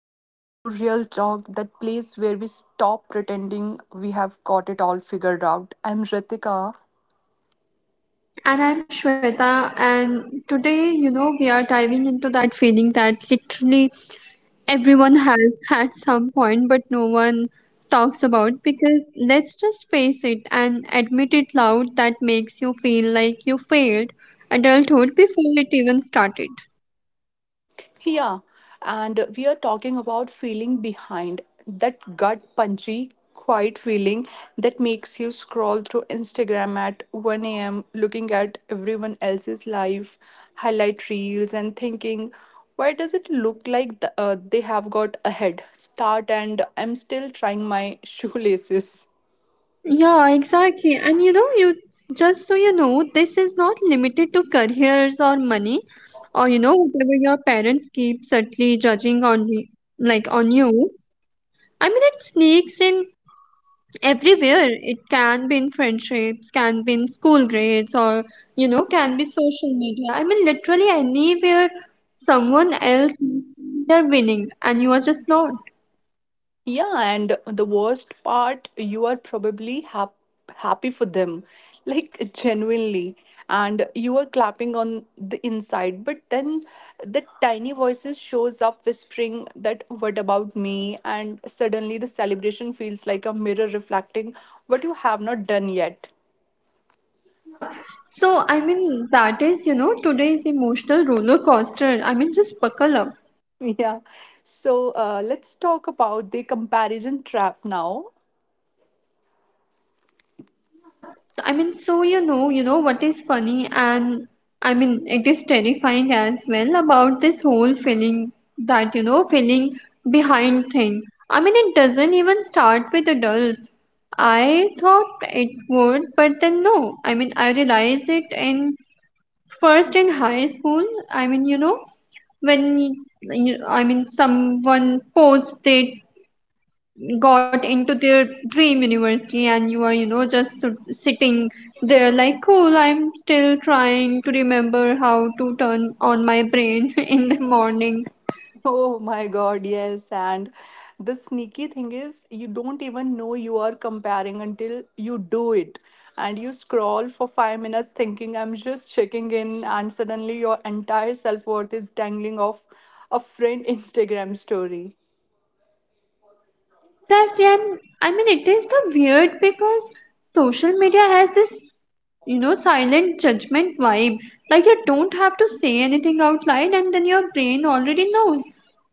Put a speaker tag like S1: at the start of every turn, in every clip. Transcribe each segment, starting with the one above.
S1: welcome to Real Talk, that place where we stop pretending we have got it all figured out. I'm Ritika.
S2: And I'm Shweta, and today, we are diving into that feeling that literally everyone has at some point, but no one talks about. Because let's just face it and admit it loud that makes you feel like you failed adulthood before it even started.
S1: Yeah, and we are talking about feeling behind, that gut punchy, quiet feeling that makes you scroll through Instagram at 1 a.m., looking at everyone else's life, highlight reels, and thinking, why does it look like they have got ahead? Start, and I'm still trying my shoelaces.
S2: Yeah, exactly. And you just, this is not limited to careers or money or whatever your parents keep subtly judging on like on you. I mean, it sneaks in everywhere. It can be in friendships, can be in school grades, or, can be social media. I mean, literally anywhere someone else they're winning and you are just not.
S1: Yeah, and the worst part, you are probably happy for them, like genuinely. And you are clapping on the inside, but then the tiny voices shows up whispering that what about me? And suddenly the celebration feels like a mirror reflecting what you have not done yet.
S2: Yeah. So, I mean, that is, today's emotional roller coaster. I mean, just buckle up.
S1: Yeah. So, let's talk about the comparison trap now.
S2: Yeah, I mean, so you know what is funny, and I mean, it is terrifying as well about this whole feeling that feeling behind thing. I mean, it doesn't even start with adults. I thought it would, but then no. I mean, I realized it in first in high school. I mean, when you, I mean, someone posts their got into their dream university and you are just sitting there like, cool, I'm still trying to remember how to turn on my brain in the morning.
S1: Oh my God, yes. And the sneaky thing is, you don't even know you are comparing until you do it. And you scroll for 5 minutes thinking, I'm just checking in, and suddenly your entire self worth is dangling off a friend Instagram story.
S2: Exactly, and I mean it is the weird because social media has this, silent judgment vibe. Like you don't have to say anything out loud, and then your brain already knows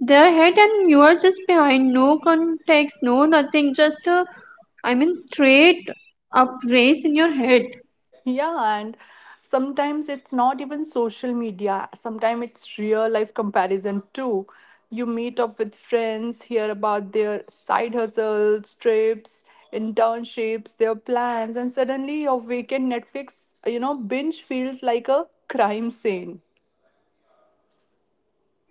S2: their head, and you are just behind. No context, no nothing. Just a, I mean, straight up race in your head.
S1: Yeah, and sometimes it's not even social media. Sometimes it's real life comparison too. You meet up with friends, hear about their side hustles, trips, internships, their plans, and suddenly your weekend Netflix, binge feels like a crime scene.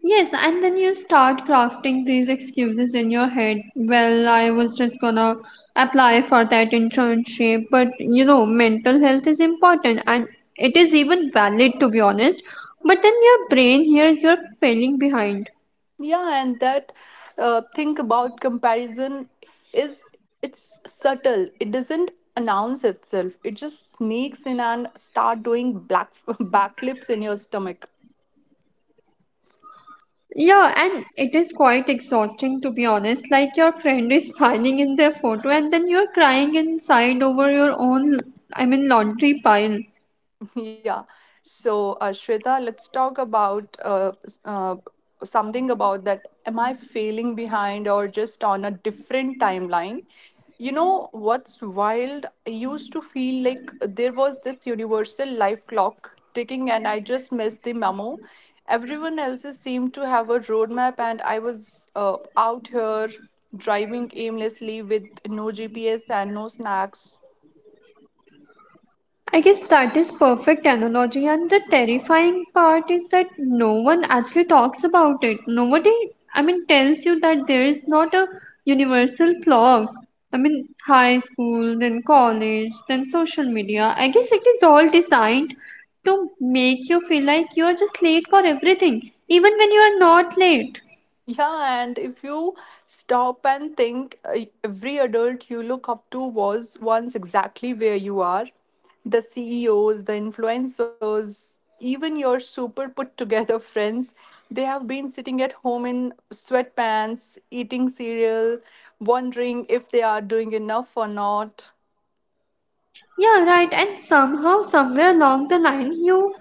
S2: Yes, and then you start crafting these excuses in your head. Well, I was just gonna apply for that internship, but mental health is important and it is even valid to be honest. But then your brain hears you're failing behind.
S1: Yeah, and that think about comparison is it's subtle. It doesn't announce itself. It just sneaks in and start doing black backflips in your stomach.
S2: Yeah, and it is quite exhausting to be honest. Like your friend is smiling in their photo and then you're crying inside over your own, I mean, laundry pile.
S1: Yeah. So, Shweta, let's talk about something about that. Am I failing behind or just on a different timeline? You know what's wild? I used to feel like there was this universal life clock ticking, and I just missed the memo. Everyone else seemed to have a roadmap, and I was out here driving aimlessly with no GPS and no snacks.
S2: I guess that is perfect analogy and the terrifying part is that no one actually talks about it. Nobody, I mean, tells you that there is not a universal clock. I mean, high school, then college, then social media. I guess it is all designed to make you feel like you are just late for everything even when you are not late.
S1: Yeah, and if you stop and think, every adult you look up to was once exactly where you are. The CEOs, the influencers, even your super put together friends, they have been sitting at home in sweatpants, eating cereal, wondering if they are doing enough or not.
S2: Yeah, right. And somehow, somewhere along the line, you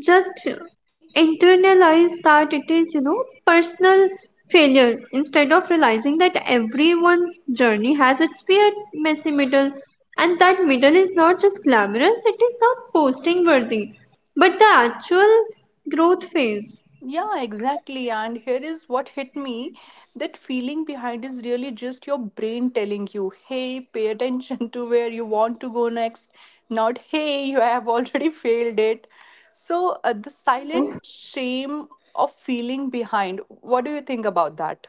S2: just internalize that it is, personal failure instead of realizing that everyone's journey has its weird, messy middle. And that middle is not just glamorous, it is not posting worthy, but the actual growth phase.
S1: Yeah, exactly. And here is what hit me, that feeling behind is really just your brain telling you, hey, pay attention to where you want to go next, not, hey, you have already failed it. So, the
S2: True.
S1: silent shame of feeling behind, what do you think about that?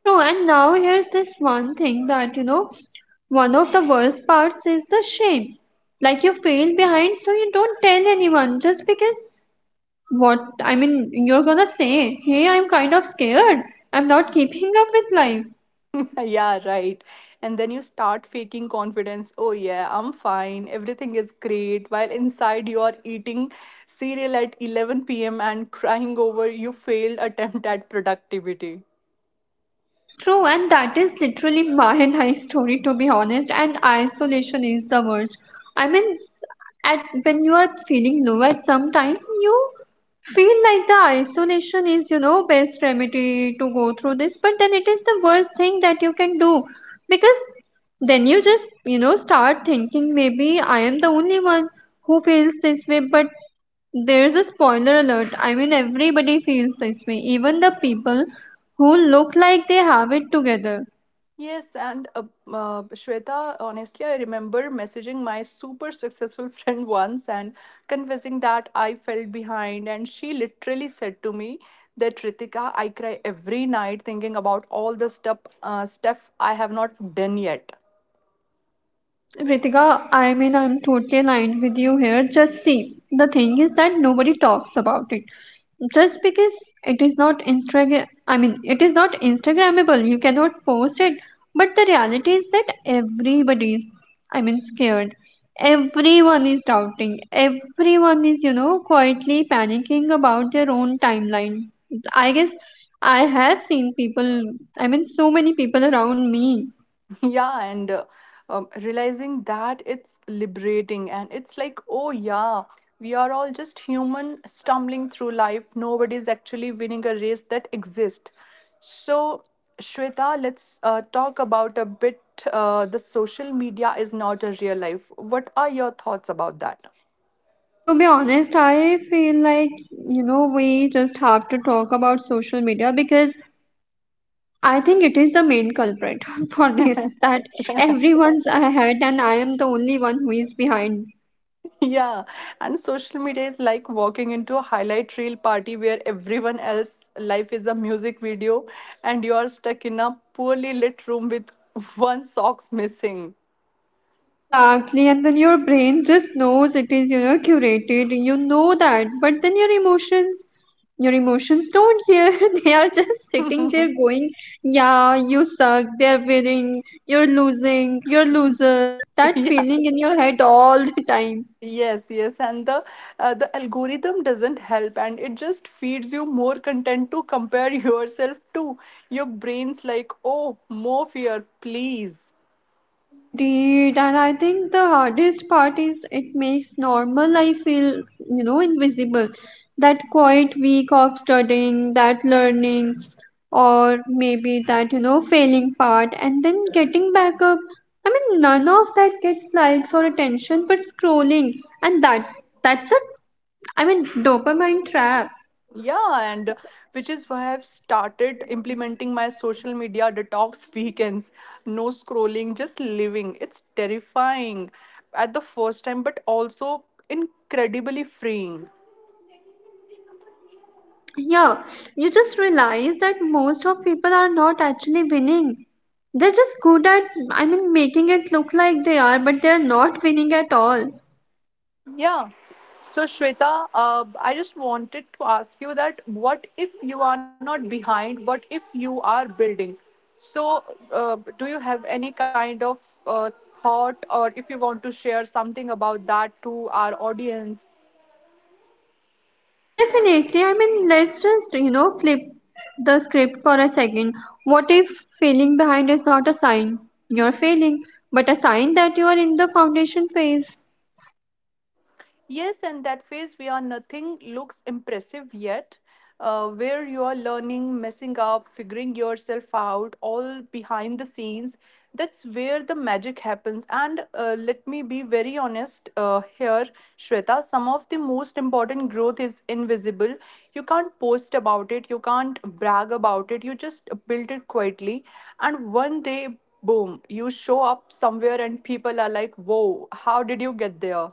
S2: True, and now here's this one thing that, one of the worst parts is the shame. Like you feel behind, so you don't tell anyone just because, what, I mean, you're gonna say, hey, I'm kind of scared, I'm not keeping up with life.
S1: Yeah, right. And then you start faking confidence. Oh, yeah, I'm fine. Everything is great. While inside you are eating cereal at 11 p.m. and crying over your failed attempt at productivity.
S2: True, and that is literally my life story to be honest. And isolation is the worst. I mean, at when you are feeling low at some time, you feel like the isolation is, best remedy to go through this, but then it is the worst thing that you can do because then you just, start thinking maybe I am the only one who feels this way, but there's a spoiler alert. I mean, everybody feels this way, even the people who look like they have it together.
S1: Yes, and Shweta, honestly, I remember messaging my super successful friend once and confessing that I felt behind, and she literally said to me that Ritika, I cry every night thinking about all the stuff I have not done yet.
S2: Ritika, I mean, I'm totally aligned with you here. Just see, the thing is that nobody talks about it. Just because it is not Instagram, I mean, it is not Instagrammable, you cannot post it. But the reality is that everybody is, I mean, scared. Everyone is doubting. Everyone is, quietly panicking about their own timeline. I guess I have seen people, I mean, so many people around me.
S1: Yeah, and realizing that it's liberating and it's like, oh yeah, we are all just human stumbling through life, nobody's actually winning a race that exists. So Shweta, let's talk about a bit, the social media is not a real life, what are your thoughts about that?
S2: To be honest, I feel like, we just have to talk about social media because I think it is the main culprit for this, that everyone's ahead and I am the only one who is behind.
S1: Yeah, and social media is like walking into a highlight reel party where everyone else's life is a music video and you are stuck in a poorly lit room with one socks missing.
S2: Exactly, and then your brain just knows it is, curated. You know that, but then your emotions don't hear. They are just sitting there going, "Yeah, you suck. They're winning. You're losing. You're loser." That
S1: Yeah.
S2: feeling in your head all the time.
S1: Yes, yes, and the algorithm doesn't help and it just feeds you more content to compare yourself to. Your brain's like, "Oh, more fear, please."
S2: Indeed, and I think the hardest part is it makes normal life feel, invisible. That quiet week of studying, that learning, or maybe that, failing part, and then getting back up. I mean, none of that gets likes or attention, but scrolling, and that's a, I mean, dopamine trap.
S1: Yeah, and which is why I've started implementing my social media detox weekends. No scrolling, just living. It's terrifying at the first time, but also incredibly freeing.
S2: Yeah, you just realize that most of people are not actually winning. They're just good at, I mean, making it look like they are, but they're not winning at all.
S1: Yeah. So, Shweta, I just wanted to ask you that what if you are not behind? What if you are building? So, do you have any kind of uh, thought, or if you want to share something about that to our audience?
S2: Definitely, I mean, let's just, flip the script for a second. What if failing behind is not a sign you're failing, but a sign that you are in the foundation phase?
S1: Yes, and that phase where nothing looks impressive yet, where you are learning, messing up, figuring yourself out, all behind the scenes, that's where the magic happens. And let me be very honest here, Shweta, some of the most important growth is invisible. You can't post about it, you can't brag about it, you just build it quietly. And one day, boom, you show up somewhere and people are like, whoa, how did you get there?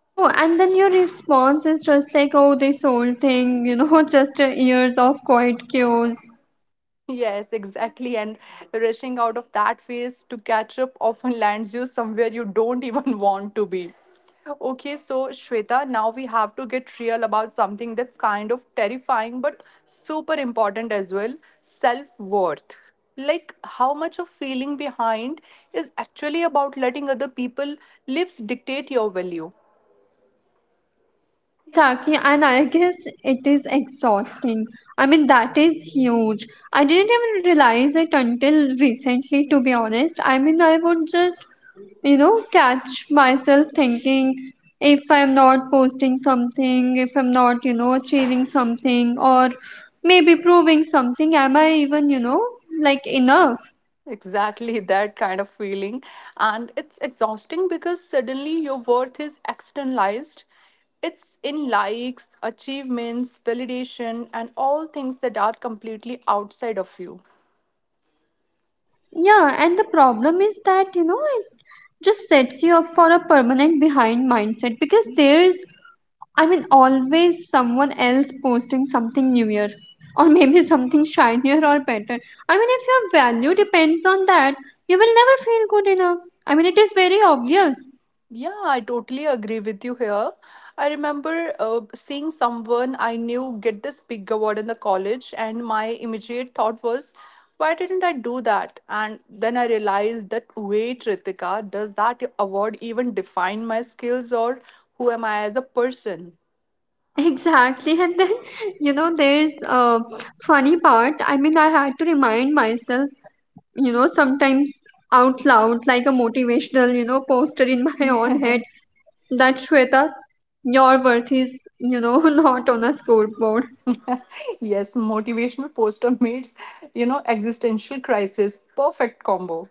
S2: True, and then your response is just like, oh, this old thing, just years of quiet cues.
S1: Yes, exactly. And rushing out of that phase to catch up often lands you somewhere you don't even want to be. Okay, so Shweta, now we have to get real about something that's kind of terrifying but super important as well, self worth. Like, how much of feeling behind is actually about letting other people lives dictate your value?
S2: Exactly, and I guess it is exhausting. I mean, that is huge. I didn't even realize it until recently, to be honest. I mean, I would just, catch myself thinking, if I'm not posting something, if I'm not, achieving something, or maybe proving something, am I even, like enough?
S1: Exactly that kind of feeling. And it's exhausting because suddenly your worth is externalized. It's in likes, achievements, validation, and all things that are completely outside of you.
S2: Yeah, and the problem is that, it just sets you up for a permanent behind mindset because there's, I mean, always someone else posting something newer or maybe something shinier or better. I mean, if your value depends on that, you will never feel good enough. I mean, it is very obvious.
S1: Yeah, I totally agree with you here. I remember seeing someone I knew get this big award in the college, and my immediate thought was, why didn't I do that? And then I realized that, wait, Ritika, does that award even define my skills or who am I as a person?
S2: Exactly. And then, there's a funny part. I mean, I had to remind myself, sometimes out loud, like a motivational, poster in my own head, that Shweta, your worth is, not on a scoreboard.
S1: Yes, motivational poster meets, you know, existential crisis. Perfect combo.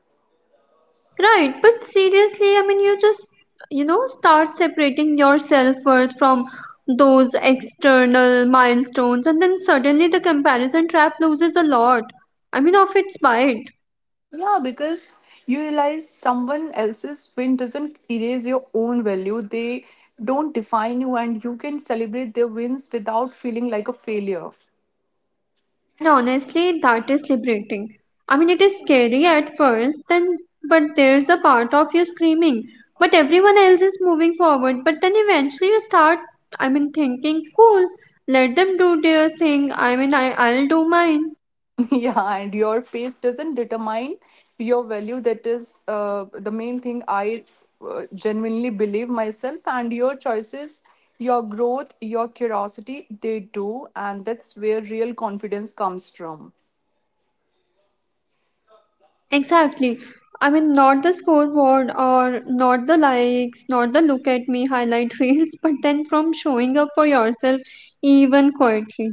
S2: Right, but seriously, I mean, you just, start separating your self worth from those external milestones, and then suddenly the comparison trap loses a lot. I mean, of its bite.
S1: Yeah, because you realize someone else's win doesn't erase your own value. They don't define you, and you can celebrate their wins without feeling like a failure.
S2: And honestly, that is liberating. I mean, it is scary at first, then, but there's a part of you screaming, but everyone else is moving forward. But then eventually you start, I mean, thinking, cool, let them do their thing. I mean, I'll do mine.
S1: Yeah, and your pace doesn't determine your value. That is the main thing I genuinely believe myself, and your choices, your growth, your curiosity, they do. And that's where real confidence comes from.
S2: Exactly. I mean, not the scoreboard or not the likes, not the look at me highlight reels, but then from showing up for yourself, even quietly.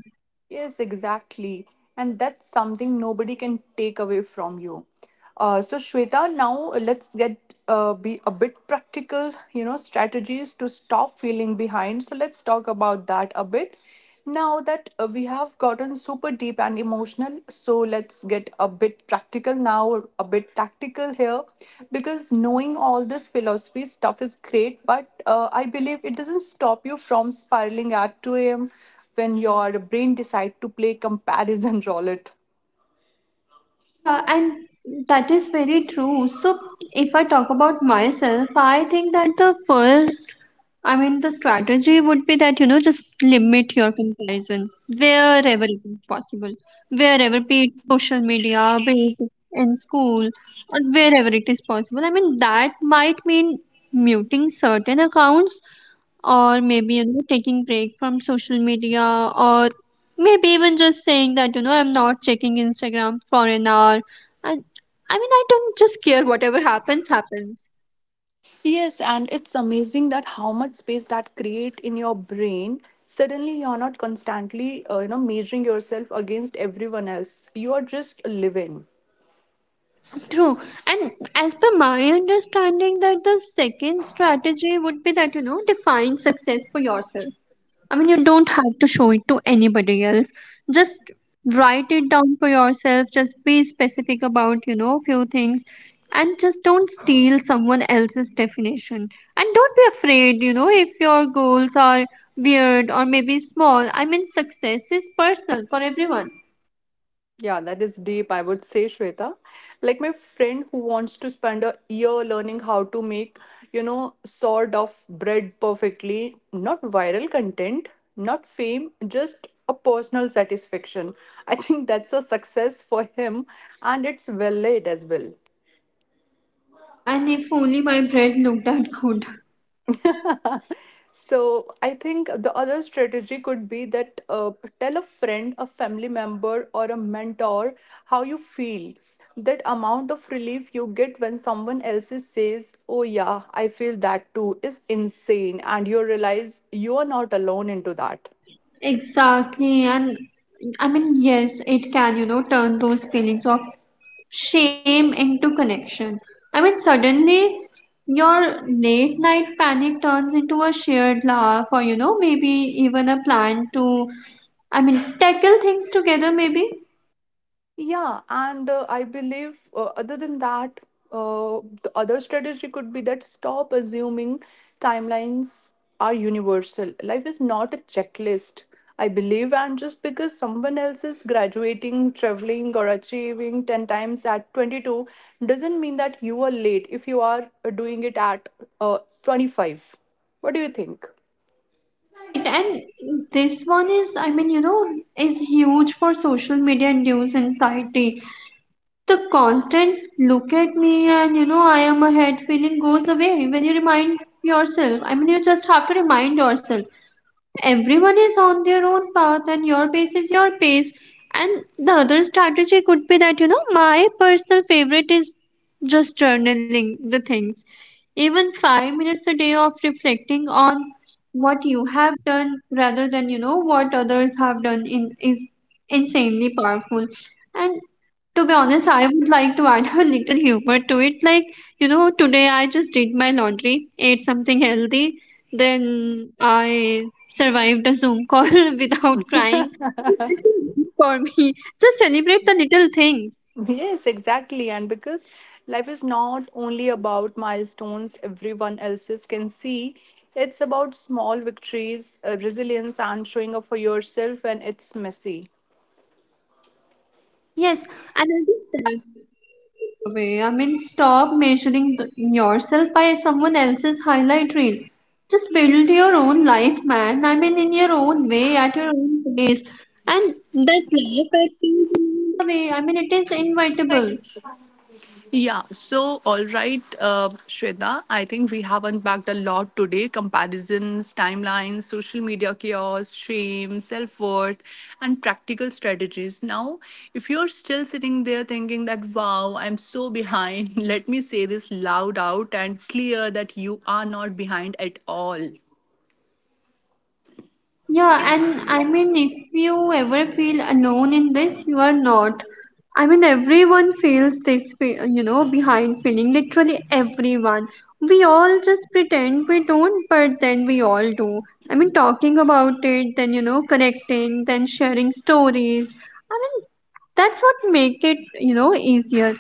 S1: Yes, exactly. And that's something nobody can take away from you. So, Shweta, now let's get be a bit practical, you know, strategies to stop feeling behind. So, let's talk about that a bit. Now that we have gotten super deep and emotional, so let's get a bit practical now, a bit tactical here, because knowing all this philosophy stuff is great, but I believe it doesn't stop you from spiraling at 2 a.m when your brain decides to play comparison roulette.
S2: Yeah, and that is very true. So, if I talk about myself, I think that the first, I mean, the strategy would be that, just limit your comparison wherever it is possible, wherever, be it social media, be it in school, or wherever it is possible. I mean, that might mean muting certain accounts or maybe taking break from social media or maybe even just saying that, I'm not checking Instagram for an hour, and I mean, I don't just care, whatever happens happens.
S1: Yes, and it's amazing that how much space that create in your brain. Suddenly, you're not constantly measuring yourself against everyone else. You are just living.
S2: True, and as per my understanding that the second strategy would be that, define success for yourself. I mean, you don't have to show it to anybody else. Just write it down for yourself. Just be specific about, few things. And just don't steal someone else's definition. And don't be afraid, if your goals are weird or maybe small. I mean, success is personal for everyone.
S1: Yeah, that is deep, I would say, Shweta. Like my friend who wants to spend a year learning how to make, you know, sort of bread perfectly, not viral content, not fame, just a personal satisfaction. I think that's a success for him and it's well laid as well.
S2: Yeah, and if only my bread looked that good.
S1: So I think the other strategy could be that tell a friend, a family member, or a mentor how you feel. That amount of relief you get when someone else is says, "Oh yeah, I feel that too," is insane, and you realize you are not alone into that.
S2: Exactly. And I mean, yes, it can, turn those feelings of shame into connection. I mean, suddenly your late night panic turns into a shared laugh, or, maybe even a plan to, I mean, tackle things together, maybe.
S1: Yeah, and I believe other than that, the other strategy could be that stop assuming timelines are universal. Life is not a checklist, I believe, and just because someone else is graduating, traveling, or achieving 10 times at 22 doesn't mean that you are late if you are doing it at uh, 25. What do you think?
S2: Right, and this one is, I mean, is huge for social media induced anxiety. The constant look at me and, I am ahead feeling goes away when you remind yourself. I mean, you just have to remind yourself, everyone is on their own path and your pace is your pace, and the other strategy could be that, my personal favorite is just journaling the things, even 5 minutes a day of reflecting on what you have done rather than, what others have done in, is insanely powerful. And to be honest, I would like to add a little humor to it. Like, today I just did my laundry, ate something healthy, then I survived a Zoom call without crying. This is good for me. Just celebrate the little things.
S1: Yes, exactly. And because life is not only about milestones everyone else's can see, it's about small victories, resilience, and showing up for yourself when it's messy.
S2: Yes, and I think that way. I mean, stop measuring yourself by someone else's highlight reel. Just build your own life, man. I mean, in your own way, at your own pace. And that life at your own way, I mean, it is inevitable.
S1: Yeah, so all right, Shweta, I think we have unpacked a lot today, comparisons, timelines, social media chaos, shame, self worth, and practical strategies. Now, if you're still sitting there thinking that, wow, I'm so behind, let me say this loud out and clear that you are not behind at all.
S2: Yeah, and I mean, if you ever feel alone in this, you are not. I mean, everyone feels this, behind feeling, literally everyone. We all just pretend we don't, but then we all do. I mean, talking about it, then, connecting, then sharing stories. I mean, that's what make it, easier.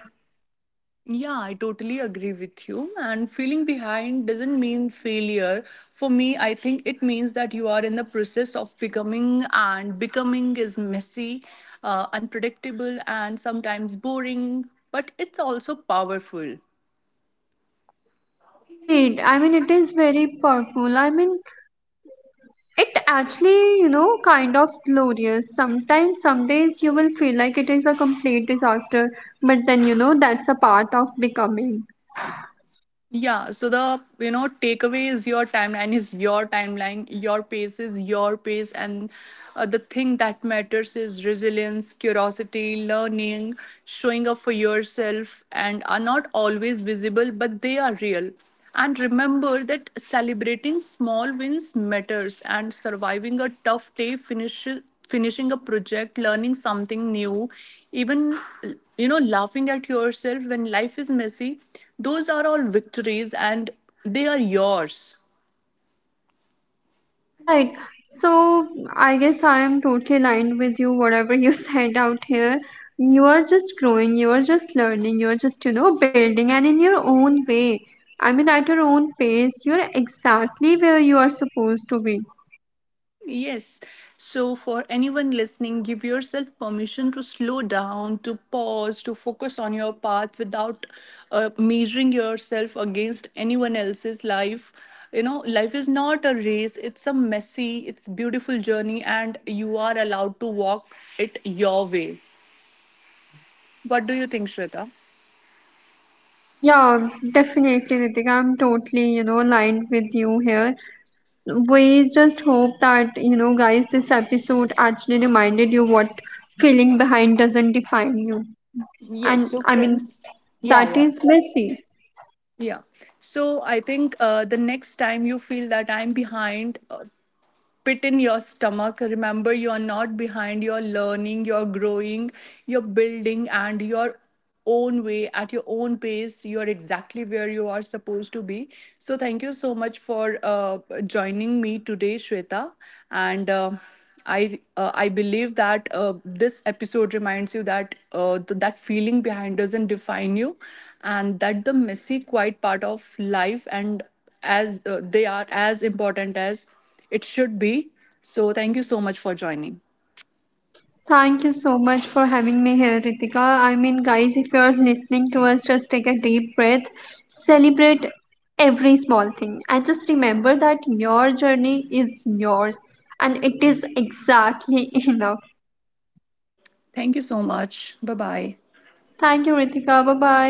S1: Yeah, I totally agree with you. And feeling behind doesn't mean failure. For me, I think it means that you are in the process of becoming, and becoming is messy, unpredictable, and sometimes boring, but it's also powerful.
S2: Indeed, I mean, it is very powerful. I mean, it actually, kind of glorious. Sometimes, some days you will feel like it is a complete disaster, but then, that's a part of becoming.
S1: Yeah, so the you know takeaway is your timeline, your pace is your pace, and the thing that matters is resilience, curiosity, learning, showing up for yourself, and are not always visible, but they are real. And remember that celebrating small wins matters and surviving a tough day, finishing a project, learning something new, even you know laughing at yourself when life is messy, those are all victories and they are yours.
S2: Right. So, I guess I am totally aligned with you, whatever you said out here. You are just growing, you are just learning, you are just, building, and in your own way. I mean, at your own pace, you're exactly where you are supposed to be.
S1: Yes. So, for anyone listening, give yourself permission to slow down, to pause, to focus on your path without measuring yourself against anyone else's life. You know, life is not a race, it's a messy, it's beautiful journey, and you are allowed to walk it your way. What do you think, Shweta?
S2: Yeah, definitely, Ritik. I'm totally, aligned with you here. We just hope that, guys, this episode actually reminded you what feeling behind doesn't define you,
S1: Yes,
S2: and
S1: so
S2: I mean,
S1: friends. Yeah,
S2: that
S1: yeah.
S2: is messy.
S1: Yeah. So I think the next time you feel that I'm behind, pit in your stomach. Remember, you are not behind. You're learning, you're growing, you're building, and your own way at your own pace. You're exactly where you are supposed to be. So, thank you so much for joining me today, Shweta. And I believe that this episode reminds you that that feeling behind doesn't define you, and that the messy, quiet part of life and as they are as important as it should be. So thank you so much for joining.
S2: Thank you so much for having me here, Ritika. I mean, guys, if you are listening to us, just take a deep breath, celebrate every small thing, and just remember that your journey is yours, and it is exactly enough.
S1: Thank you so much. Bye bye.
S2: Thank you, Ritika. Bye bye.